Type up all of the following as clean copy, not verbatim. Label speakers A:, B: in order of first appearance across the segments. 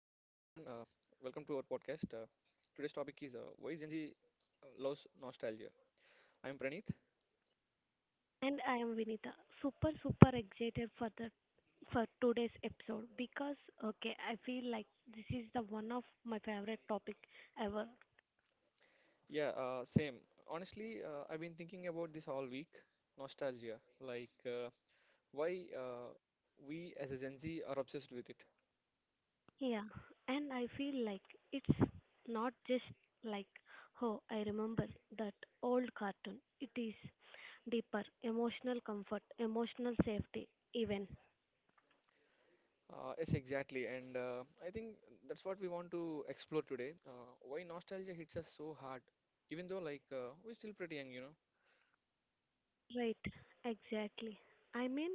A: welcome to our podcast. Today's topic is why Gen Z loves nostalgia. I'm Praneeth.
B: And I am Vinita. Super, super excited for today's episode because okay, I feel like this is the one of my favorite topic ever.
A: Yeah, same. Honestly, I've been thinking about this all week. Nostalgia, like why we as a Gen Z are obsessed with it.
B: Yeah, and I feel like it's not just like, oh, I remember that old cartoon. It is deeper emotional comfort, emotional safety, even.
A: Yes, exactly. And I think that's what we want to explore today. Why nostalgia hits us so hard, even though like we're still pretty young.
B: Right, exactly. I mean,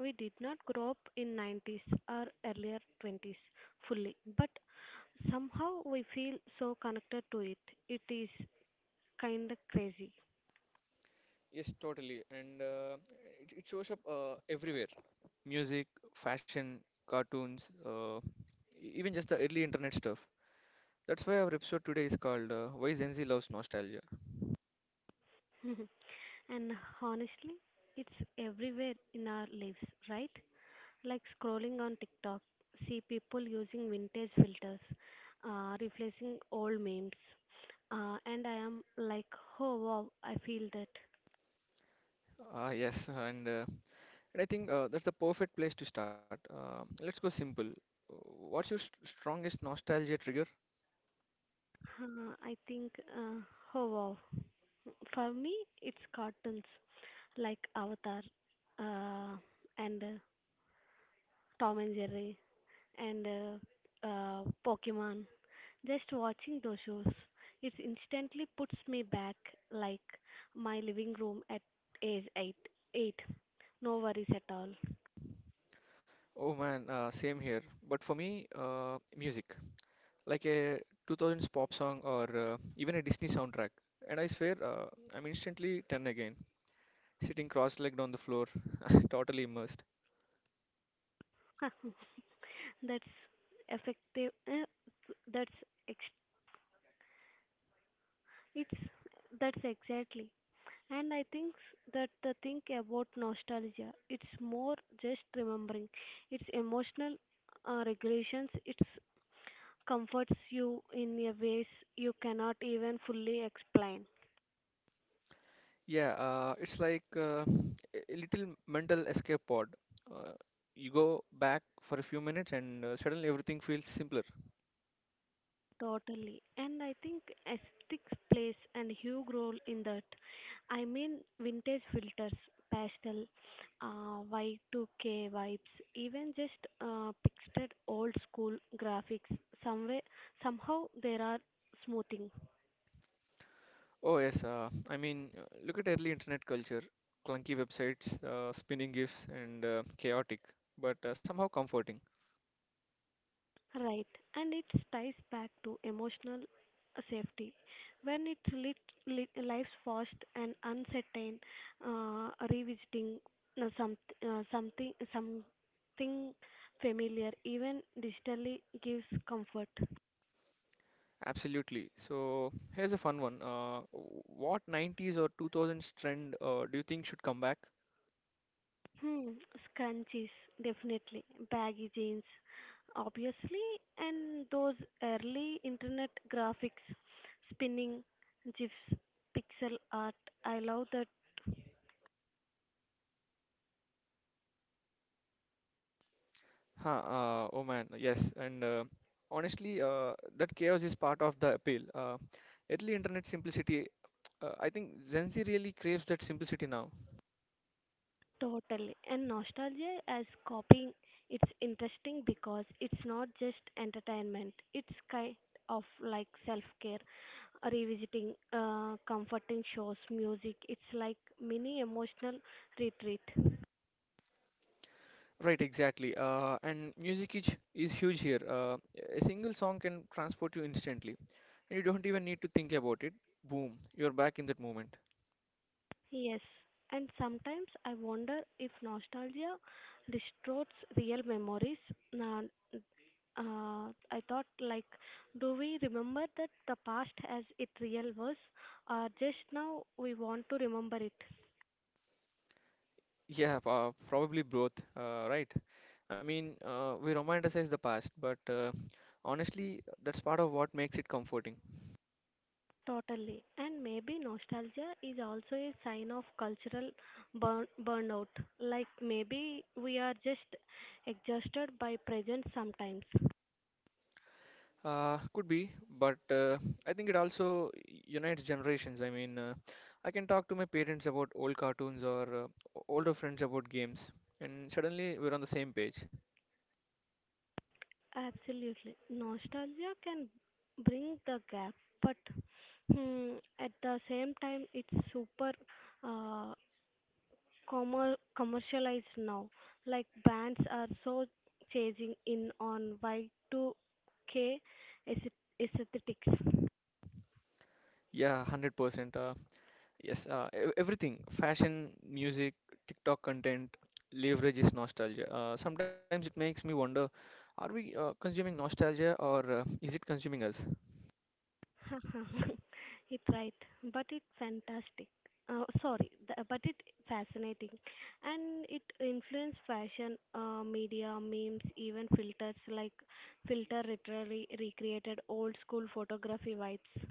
B: we did not grow up in 90s or earlier 20s fully, but somehow we feel so connected to it. It is kind of crazy.
A: Yes, totally. And it shows up everywhere. Music, fashion, cartoons, even just the early internet stuff. That's why our episode today is called Why Gen Z Loves Nostalgia.
B: And honestly, it's everywhere in our lives, right? Like scrolling on TikTok, see people using vintage filters, replacing old memes. And I am like, oh wow, I feel that.
A: Ah, yes, and I think that's the perfect place to start. Let's go simple. Uh, What's your st strongest nostalgia trigger?
B: I think, oh wow. For me, it's cartoons like Avatar, uh, and Tom and Jerry, and Pokemon. Just watching those shows, it instantly puts me back, like my living room at age eight. Eight, no worries at all.
A: Oh man, same here. But for me, music, like a 2000s pop song or even a Disney soundtrack, and I swear I'm instantly 10 again, sitting cross-legged on the floor, totally immersed.
B: That's effective. That's ex- it's that's exactly. And I think that the thing about nostalgia, it's more just remembering. It's emotional regulations. It comforts you in a ways you cannot even fully explain.
A: Yeah, it's like a little mental escape pod. Uh, you go back for a few minutes and suddenly everything feels simpler.
B: Totally. And I think aesthetics plays a huge role in that. I mean, vintage filters, pastel, Y2K vibes, even just pictured old school graphics. Somewhere, somehow there are smoothing.
A: Oh, yes, I mean, look at early internet culture, clunky websites, spinning GIFs, and chaotic, but somehow comforting.
B: Right, and it ties back to emotional safety. When it's lit, life's fast and uncertain, revisiting uh, some, something familiar, even digitally, gives comfort.
A: Absolutely. So, here's a fun one. What 90s or 2000s trend do you think should come back?
B: Hmm, scrunchies, definitely. Baggy jeans, obviously, and those early internet graphics, spinning gifs, pixel art. I love that.
A: Huh, oh man, yes, and honestly, that chaos is part of the appeal. Early internet simplicity, I think Gen Z really craves that simplicity now.
B: Totally. And nostalgia as copying, it's interesting because it's not just entertainment, it's kind of like self care, revisiting comforting shows, music. It's like mini emotional retreat.
A: Right, exactly. And music is huge here. A single song can transport you instantly, and you don't even need to think about it. Boom, you're back in that moment.
B: Yes. And sometimes I wonder if nostalgia distorts real memories. Uh, I thought, like, do we remember that the past as it real was, or just now we want to remember it?
A: Yeah, probably both, right? I mean, we romanticize the past, but honestly, that's part of what makes it comforting.
B: Totally. And maybe nostalgia is also a sign of cultural burnout. Like maybe we are just exhausted by present sometimes.
A: Could be, but I think it also unites generations. I mean, I can talk to my parents about old cartoons or older friends about games, and suddenly we're on the same page.
B: Absolutely. Nostalgia can bring the gap, but hmm, at the same time, it's super uh, commercialized now. Like brands are so chasing in on Y2K aesthetics.
A: Yeah, 100%. Yes, everything fashion, music, TikTok content leverages nostalgia. Sometimes it makes me wonder, are we consuming nostalgia or is it consuming us?
B: It right, but it fantastic. Sorry, but it fascinating, and it influence fashion, media, memes, even filters like filter literally recreated old school photography vibes.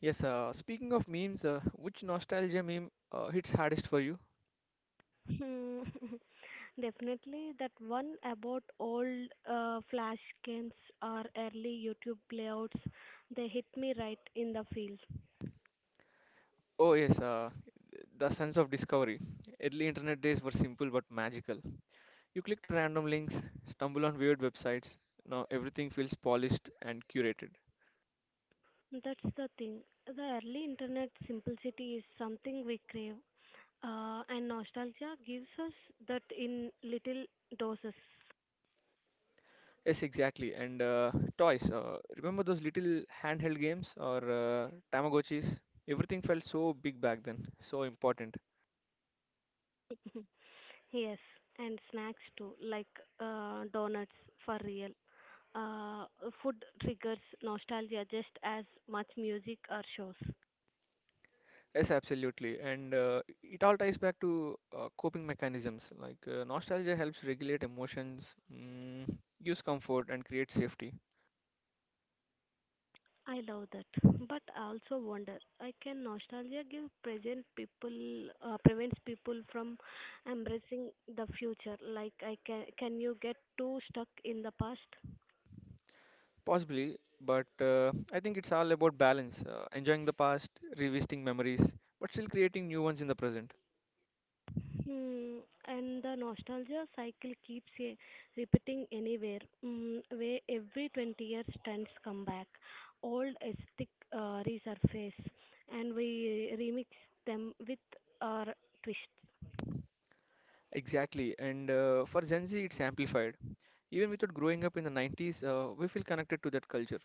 A: Yes, speaking of memes, which nostalgia meme hits hardest for you?
B: Hmm. Definitely, that one about old flash games or early YouTube playouts, they hit me right in the feels.
A: Oh yes, the sense of discovery. Early internet days were simple but magical. You clicked random links, stumble on weird websites. Now everything feels polished and curated.
B: That's the thing. The early internet simplicity is something we crave, and nostalgia gives us that in little doses.
A: Yes, exactly. And toys. Remember those little handheld games or Tamagotchis? Everything felt so big back then, so important.
B: Yes, and snacks too, like donuts, for real. Uh, Food triggers nostalgia just as much music or shows.
A: Yes, absolutely. And it all ties back to coping mechanisms. Like nostalgia helps regulate emotions, mm, gives comfort, and creates safety.
B: I love that, but I also wonder. I can nostalgia give present people prevents people from embracing the future. Like can you get too stuck in the past?
A: Possibly, but I think it's all about balance, enjoying the past, revisiting memories, but still creating new ones in the present.
B: Hmm, and the nostalgia cycle keeps repeating anywhere, where every 20 years trends come back, old aesthetic resurface, and we remix them with our twists.
A: Exactly, and for Gen Z, it's amplified. Even without growing up in the 90s, we feel connected to that culture,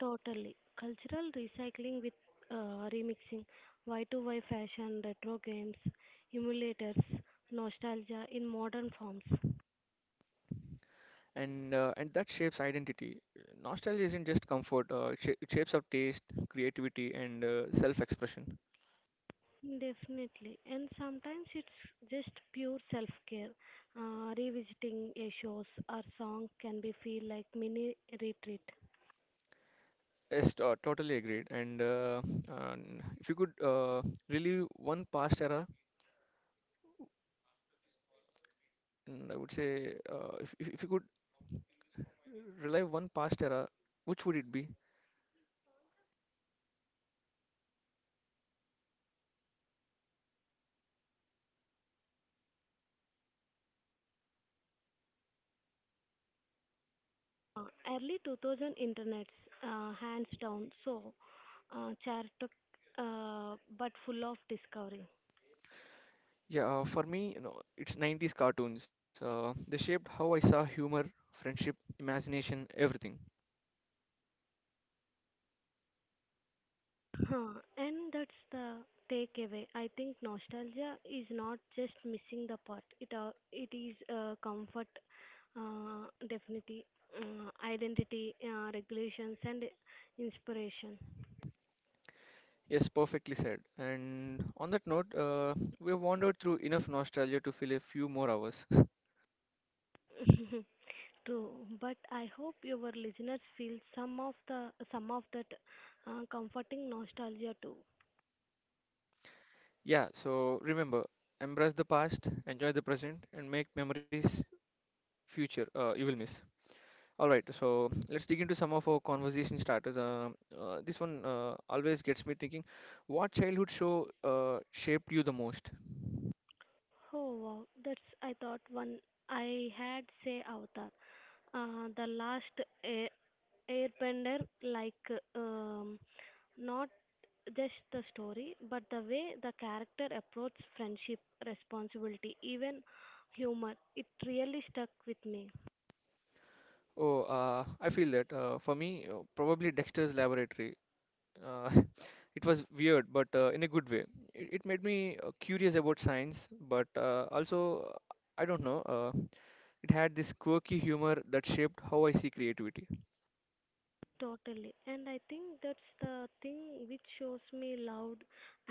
B: Totally. Cultural recycling with remixing, Y2Y fashion, retro games, emulators, nostalgia in modern forms.
A: and that shapes identity. Nostalgia isn't just comfort; it shapes our taste, creativity, and self-expression.
B: Definitely. And sometimes it's just pure self care. Revisiting a shows or song can be feel like mini retreat.
A: Yes, totally agreed. And if you could relive one past era, and I would say if you could relive one past era, which would it be?
B: Early 2000 internets, hands down, so chaotic but full of discovery.
A: Yeah, for me, it's 90s cartoons. They shaped how I saw humor, friendship, imagination, everything.
B: Huh, and that's the takeaway. I think nostalgia is not just missing the part. It is comfort, definitely, identity, regulations, and inspiration.
A: Yes, perfectly said. And on that note, we have wandered through enough nostalgia to fill a few more hours.
B: True, but I hope your listeners feel some of that comforting nostalgia too.
A: Yeah, so remember, embrace the past, enjoy the present, and make memories future you will miss. All right, so let's dig into some of our conversation starters. This one always gets me thinking, what childhood show shaped you the most?
B: Oh wow, that's I thought one I had say Avatar, the last airbender, like not just the story, but the way the character approaches friendship, responsibility, even humor, it really stuck with me.
A: Oh, I feel that for me, probably Dexter's Laboratory. Uh, it was weird, but in a good way. It made me curious about science, but also, I don't know, it had this quirky humor that shaped how I see creativity.
B: Totally, and I think that's the thing, which shows me loud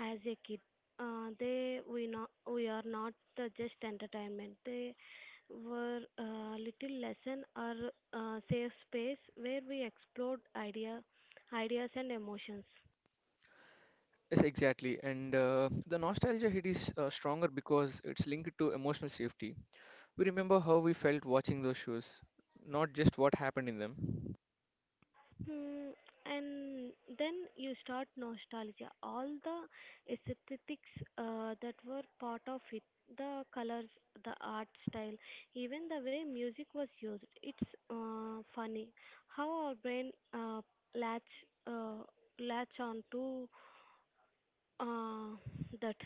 B: as a kid. They we are not the just entertainment. They were little lesson or safe space where we explored ideas and emotions.
A: Yes, exactly. And the nostalgia hit is stronger because it's linked to emotional safety. We remember how we felt watching those shows, not just what happened in them.
B: Hmm, and then you start nostalgia. All the aesthetics that were part of it, the colors, the art style, even the way music was used. It's funny how our brain latch uh, latch on to uh, that.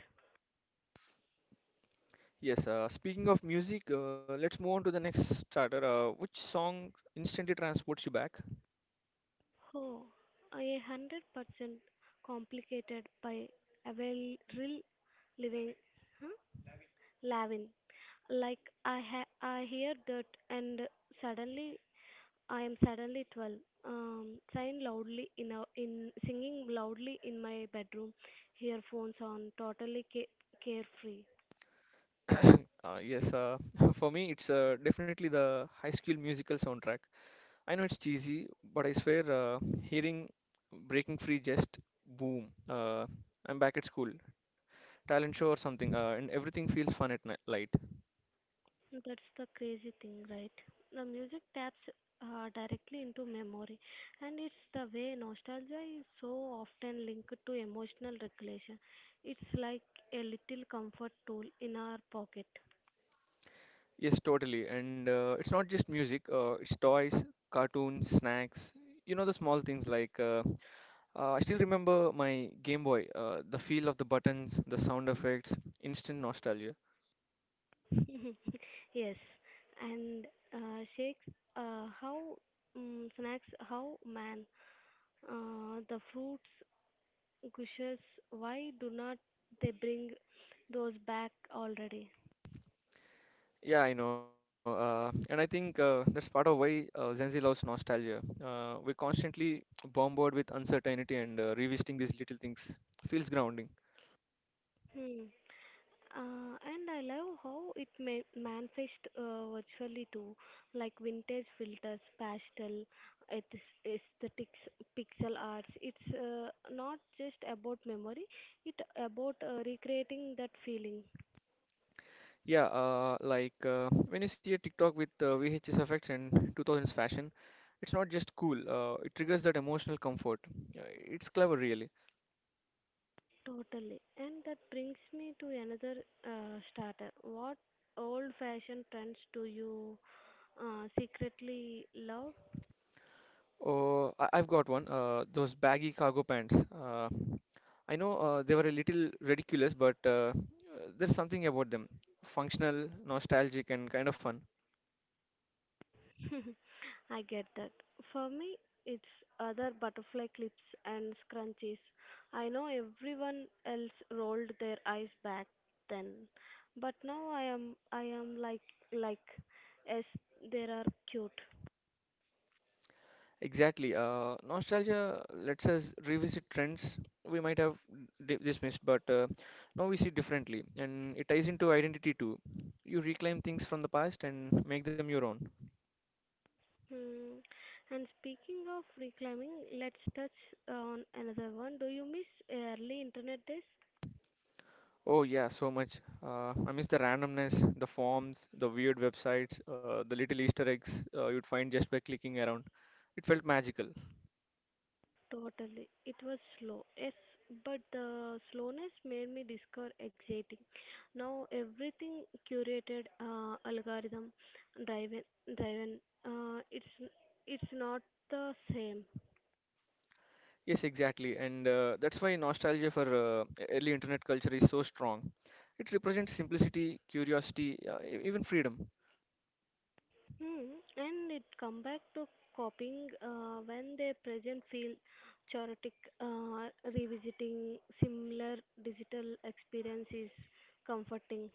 A: Yes, speaking of music, let's move on to the next starter. Which song instantly transports you back?
B: Oh, 100% complicated by a well real living. Huh? Lavin. Like I hear that, and suddenly I am suddenly 12. Sign loudly in singing loudly in my bedroom, earphones on, totally ca carefree.
A: Yes, for me, it's definitely the High School Musical soundtrack. I know it's cheesy, but I swear, hearing Breaking Free just boom. I'm back at school, talent show or something, and everything feels fun at night.
B: That's the crazy thing, right? The music taps directly into memory, and it's the way nostalgia is so often linked to emotional regulation. It's like a little comfort tool in our pocket.
A: Yes, totally. And it's not just music, it's toys, cartoons, snacks, the small things like I still remember my Game Boy, the feel of the buttons, the sound effects, instant nostalgia.
B: Yes, and shakes, how snacks, how man the fruits gushes, why do not they bring those back already?
A: Yeah, I know. And I think that's part of why Gen Z loves nostalgia. We're constantly bombarded with uncertainty and revisiting these little things feels grounding.
B: Hmm. And I love how it ma manifest virtually too, like vintage filters, pastel, aesthetics, pixel arts. It's not just about memory; it about recreating that feeling.
A: Yeah, like when you see a TikTok with VHS effects and 2000s fashion, it's not just cool, it triggers that emotional comfort. It's clever, really.
B: Totally. And that brings me to another starter. What old fashioned trends do you secretly love?
A: Oh, I've got one, those baggy cargo pants. I know they were a little ridiculous, but there's something about them, functional, nostalgic, and kind of fun.
B: I get that. For me, it's other butterfly clips and scrunchies. I know everyone else rolled their eyes back then, but now I am like, like yes, they are cute.
A: Exactly. Nostalgia lets us revisit trends we might have dismissed, but now we see differently, and it ties into identity too. You reclaim things from the past and make them your own.
B: Hmm. And speaking of reclaiming, let's touch on another one. Do you miss early internet days?
A: Oh yeah, so much. I miss the randomness, the forms, the weird websites, the little Easter eggs you'd find just by clicking around. It felt magical.
B: Totally. It was slow. Yes, but the slowness made me discover exciting. Now everything curated, algorithm driven, driven. Uh, it's it's not the same.
A: Yes, exactly, and that's why nostalgia for early internet culture is so strong. It represents simplicity, curiosity, even freedom.
B: Hmm, and it come back to copying when they present feel chaotic, revisiting similar digital experience is comforting.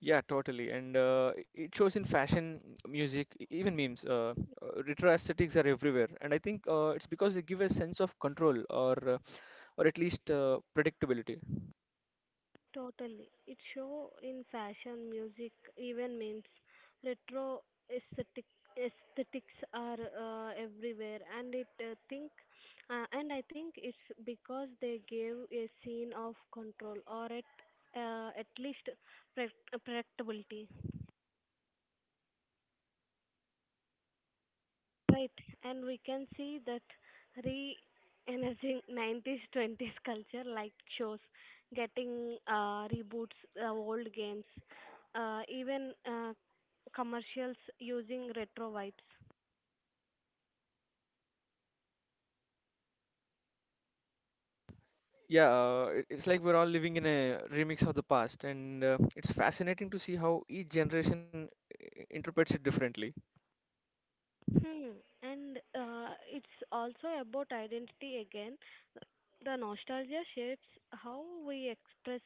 A: Yeah, totally. And it shows in fashion, music, even memes. Retro aesthetics are everywhere, and I think it's because they give a sense of control, or at least predictability.
B: Totally. It show in fashion, music, even memes. Retro aesthetic, aesthetics are everywhere, and it think and I think it's because they gave a scene of control or at least pre- predictability. Right, and we can see that re-energizing 90s 20s culture, like shows getting reboots, old games, even commercials using retro vibes.
A: Yeah, it's like we're all living in a remix of the past, and it's fascinating to see how each generation interprets it differently.
B: Hmm. And it's also about identity again. The nostalgia shapes how we express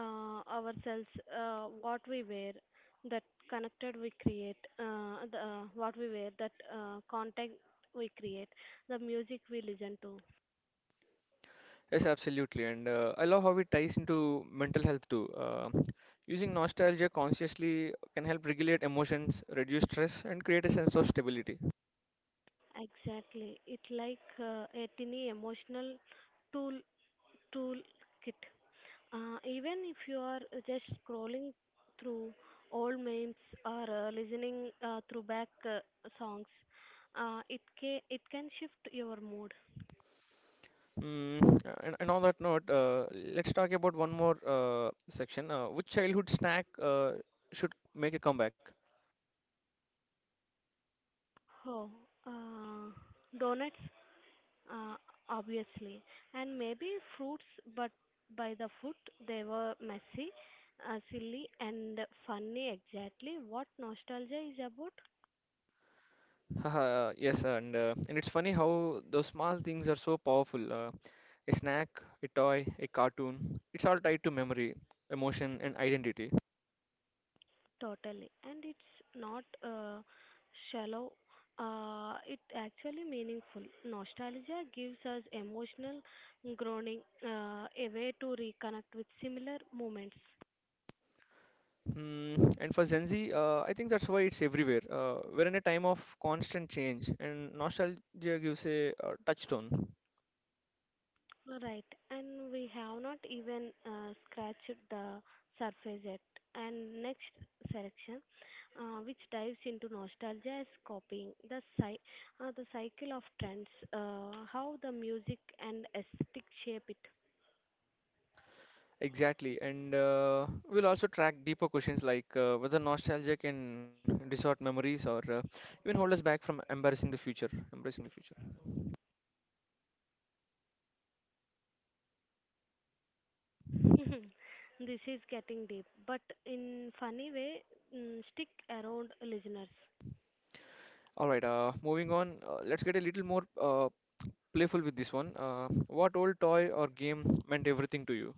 B: ourselves, what we wear, that connected we create, what we wear, that content we create, the music we listen to.
A: Yes, absolutely. And I love how it ties into mental health too. Using nostalgia consciously can help regulate emotions, reduce stress, and create a sense of stability.
B: Exactly, it like a tiny emotional tool tool kit. Even if you are just scrolling through old memes or listening through back songs, it can shift your mood.
A: And on that note, let's talk about one more section. Which childhood snack should make a comeback?
B: Oh, uh, donuts, uh, obviously, and maybe fruits, but by the foot, they were messy, silly, and funny. Exactly what nostalgia is about.
A: Haha, yes, and it's funny how those small things are so powerful. A snack, a toy, a cartoon. It's all tied to memory, emotion, and identity.
B: Totally. And it's not shallow, it actually meaningful. Nostalgia gives us emotional groaning, a way to reconnect with similar moments.
A: And for Gen Z, I think that's why it's everywhere. We're in a time of constant change, and nostalgia gives a touchstone.
B: Right, and we have not even scratched the surface yet. And next section, which dives into nostalgia as copying, the cycle of trends, how the music and aesthetic shape it.
A: Exactly, and we'll also track deeper questions like whether nostalgia can distort memories or even hold us back from embracing the future. Embracing the future.
B: This is getting deep, but in funny way. Stick around, listeners.
A: All right, moving on. Let's get a little more playful with this one. What old toy or game meant everything to you?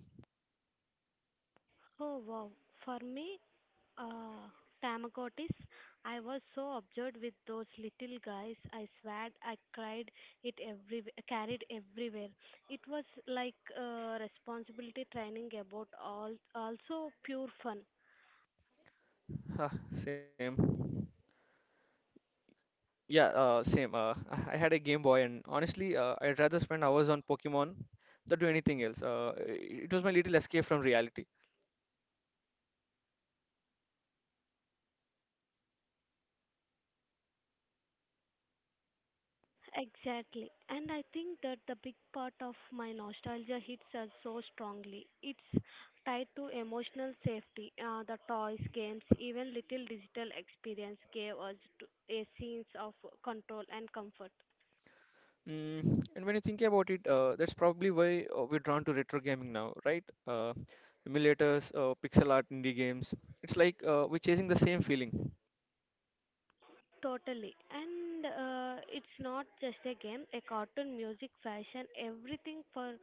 B: Oh wow, for me, uh, Tamagotis. I was so absorbed with those little guys. I swear, I cried. It every carried everywhere. It was like responsibility training, about all also pure fun.
A: Huh, same. Yeah, same. I had a Game Boy, and honestly, I'd rather spend hours on Pokemon than do anything else. It was my little escape from reality.
B: Exactly. And I think that the big part of my nostalgia hits us so strongly. It's tied to emotional safety. The toys, games, even little digital experience gave us a sense of control and comfort.
A: And when you think about it, that's probably why we're drawn to retro gaming now, right? Emulators, pixel art, indie games. It's like we're chasing the same feeling.
B: Totally. And it's not just a game, a cartoon, music, fashion, everything for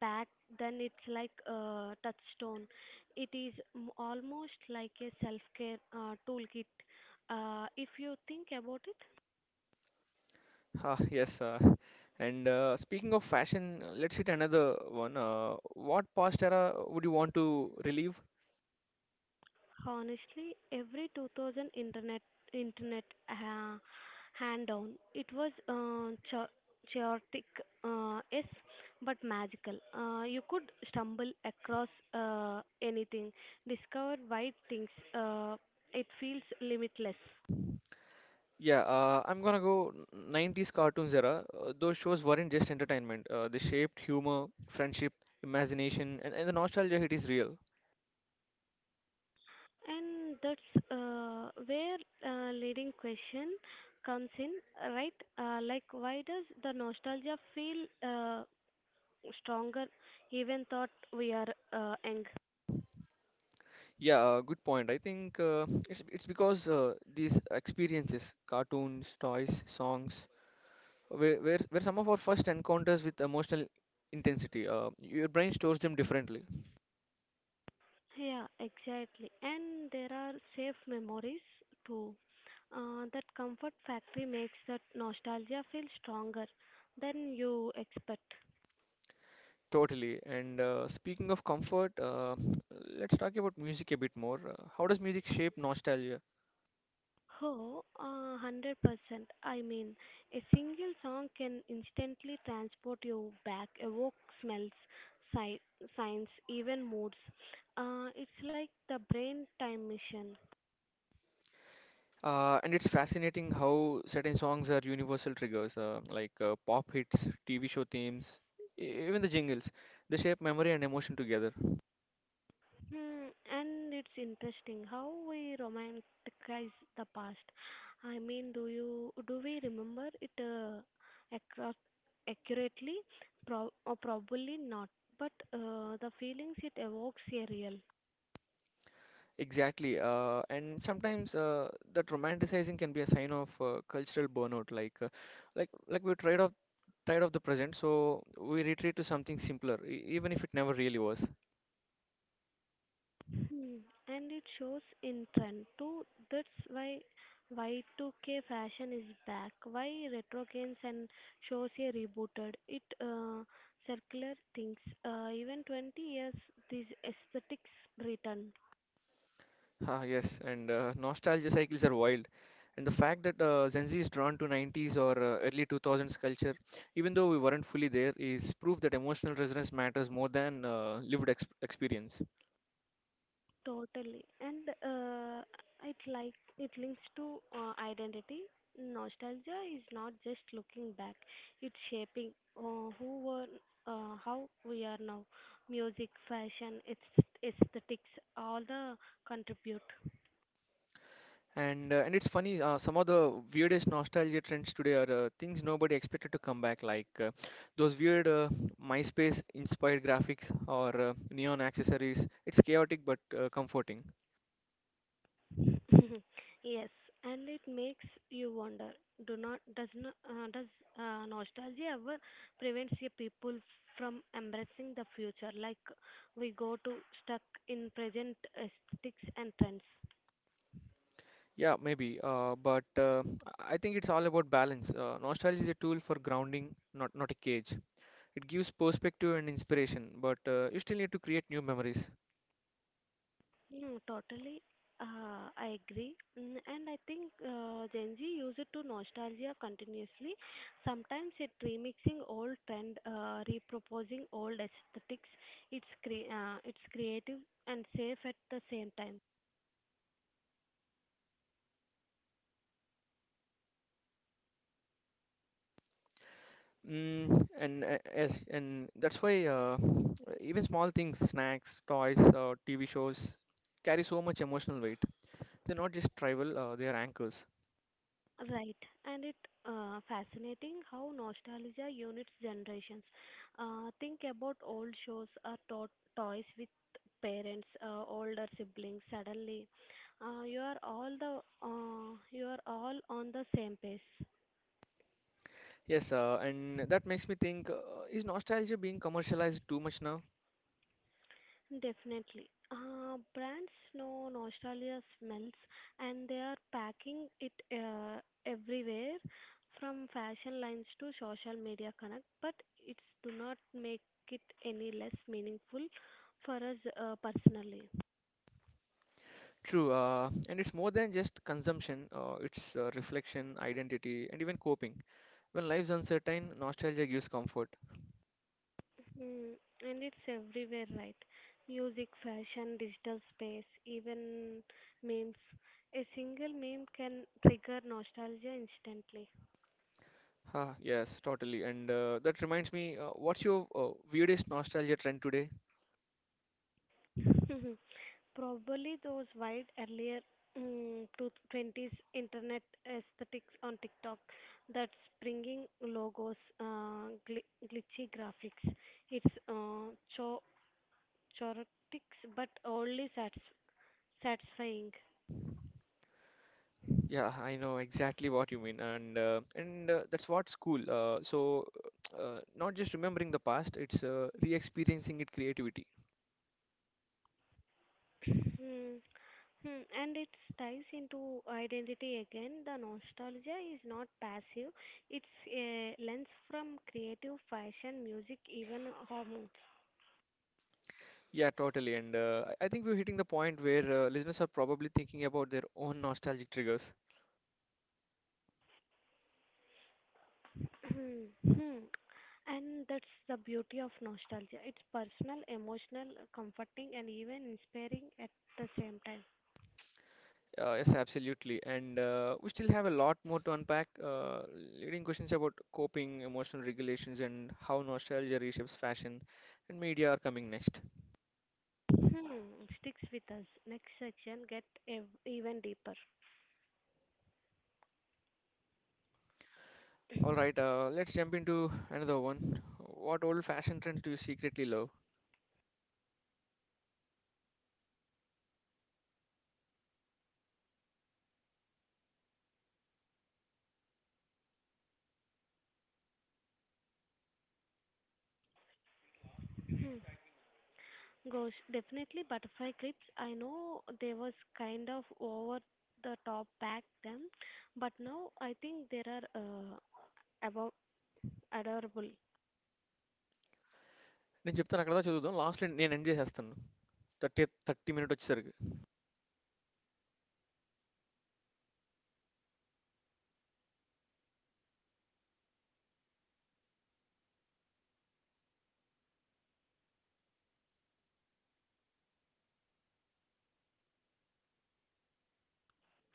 B: back then, it's like a touchstone. It is almost like a self care toolkit. If you think about it,
A: Ah, yes. And Speaking of fashion, let's hit another one. What past era would you want to relive?
B: honestly every 2000 internet, ha hand down. It was chaotic, yes, but magical. You could stumble across anything, discover wide things. uh, it feels limitless,
A: Yeah, I'm gonna go 90s cartoons era. Those shows weren't just entertainment. They shaped humor, friendship, imagination, and the nostalgia hit is real.
B: and that's where leading question comes in, right? Like, why does the nostalgia feel uh, stronger, even thought we are young?
A: Yeah, good point. I think it's because these experiences, cartoons, toys, songs, where some of our first encounters with emotional intensity, your brain stores them differently,
B: Yeah, exactly. And there are safe memories too. That comfort factory makes that nostalgia feel stronger than you expect.
A: totally. And speaking of comfort, let's talk about music a bit more. How does music shape nostalgia?
B: Oh, 100%. I mean, a single song can instantly transport you back, evoke smells, si- signs, even moods. It's like the brain time machine.
A: And it's fascinating how certain songs are universal triggers, like pop hits, TV show themes, even the jingles. They shape memory and emotion together.
B: Hmm, and it's interesting how we romanticize the past. I mean, do we remember it accru- accurately? Pro- or Probably not. But the feelings it evokes are real.
A: Exactly. And sometimes that romanticizing can be a sign of cultural burnout. Like we're tired of the present, so we retreat to something simpler, even if it never really was.
B: Hmm, and it shows in trend too. That's why Y2K fashion is back. Why retro games and shows are rebooted. It circular things. Even 20 years, these aesthetics return.
A: Ah, yes. And nostalgia cycles are wild. And the fact that Gen Z is drawn to 90s or early 2000s culture, even though we weren't fully there, is proof that emotional resonance matters more than lived ex experience.
B: Totally. And it like it links to identity. Nostalgia is not just looking back; it's shaping who were, how we are now. Music, fashion, it's aesthetics, all the contribute.
A: And it's funny, some of the weirdest nostalgia trends today are things nobody expected to come back, like those weird MySpace-inspired graphics or neon accessories. It's chaotic but comforting.
B: Yes, and it makes you wonder. Do not does not does nostalgia ever prevents your people from embracing the future? Like we go to stuck in present aesthetics and trends.
A: Yeah, maybe. But I think it's all about balance. Nostalgia is a tool for grounding, not a cage. It gives perspective and inspiration, but you still need to create new memories.
B: Mm, totally. I agree. Mm, and I think Gen Z use it to nostalgia continuously. Sometimes it remixing old trend, reproposing old aesthetics. It's creative and safe at the same time.
A: Mm, and Yes, and that's why even small things, snacks, toys, TV shows carry so much emotional weight. They're not just trivial, they are anchors.
B: Right, and it fascinating how nostalgia units generations. Think about old shows or toys with parents, older siblings. Suddenly, uh, you are all the you are all on the same page.
A: Yes, and that makes me think, is nostalgia being commercialized too much now?
B: Definitely. Brands know nostalgia smells, and they are packing it everywhere, from fashion lines to social media connect, but it's do not make it any less meaningful for us personally.
A: True, and it's more than just consumption, it's reflection, identity, and even coping. When life's uncertain, nostalgia gives comfort.
B: Mm, and it's everywhere, right? Music, fashion, digital space, even memes. A single meme can trigger nostalgia instantly.
A: Ah, yes, totally. And that reminds me, what's your weirdest nostalgia trend today?
B: Probably those wide earlier to 20s internet aesthetics on TikTok, that springing logos, glitchy graphics. It's cho- chorotics, but only satisfying.
A: Yeah, I know exactly what you mean, and that's what's cool. So, not just remembering the past; it's re-experiencing it creativity.
B: Hmm. Hmm. And it ties into identity again. The nostalgia is not passive, it's a lens from creative fashion, music, even hormones.
A: Yeah, totally. And I think we're hitting the point where listeners are probably thinking about their own nostalgic triggers.
B: Hmm. Hmm. And that's the beauty of nostalgia. It's personal, emotional, comforting, and even inspiring at the same time.
A: Yes, absolutely. And we still have a lot more to unpack, leading questions about coping, emotional regulations, and how nostalgia reshapes fashion and media are coming next.
B: Hmm. Sticks with us. Next section, get even deeper.
A: All right, let's jump into another one. What old-fashioned trend do you secretly love?
B: Hmm. Gosh, definitely butterfly clips. I know they was kind of over the top back then, but now I think they are above adorable.
A: निज़प्तन अकड़ता चुदूदों. Last निएं एंजेस हस्तनु. 30 30 minute अच्छी सर्ग.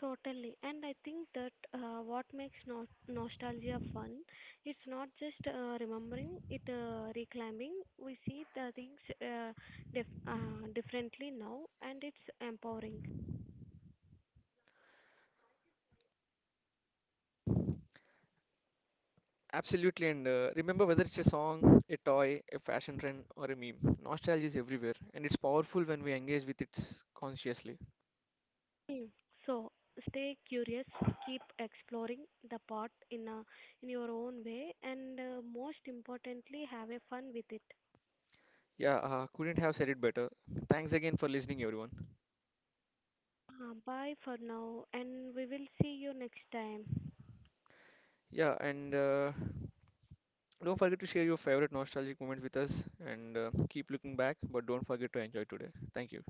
B: Totally. And I think that what makes nostalgia fun, it's not just remembering, it reclaiming. We see the things differently now, and it's empowering.
A: Absolutely, and remember, whether it's a song, a toy, a fashion trend or a meme. Nostalgia is everywhere and it's powerful when we engage with it consciously.
B: Mm. So stay curious, keep exploring the pot in your own way, and most importantly, have a fun with it.
A: Yeah, couldn't have said it better. Thanks again for listening, everyone.
B: Bye for now, and we will see you next time.
A: Yeah, and don't forget to share your favorite nostalgic moment with us and keep looking back, but don't forget to enjoy today. Thank you.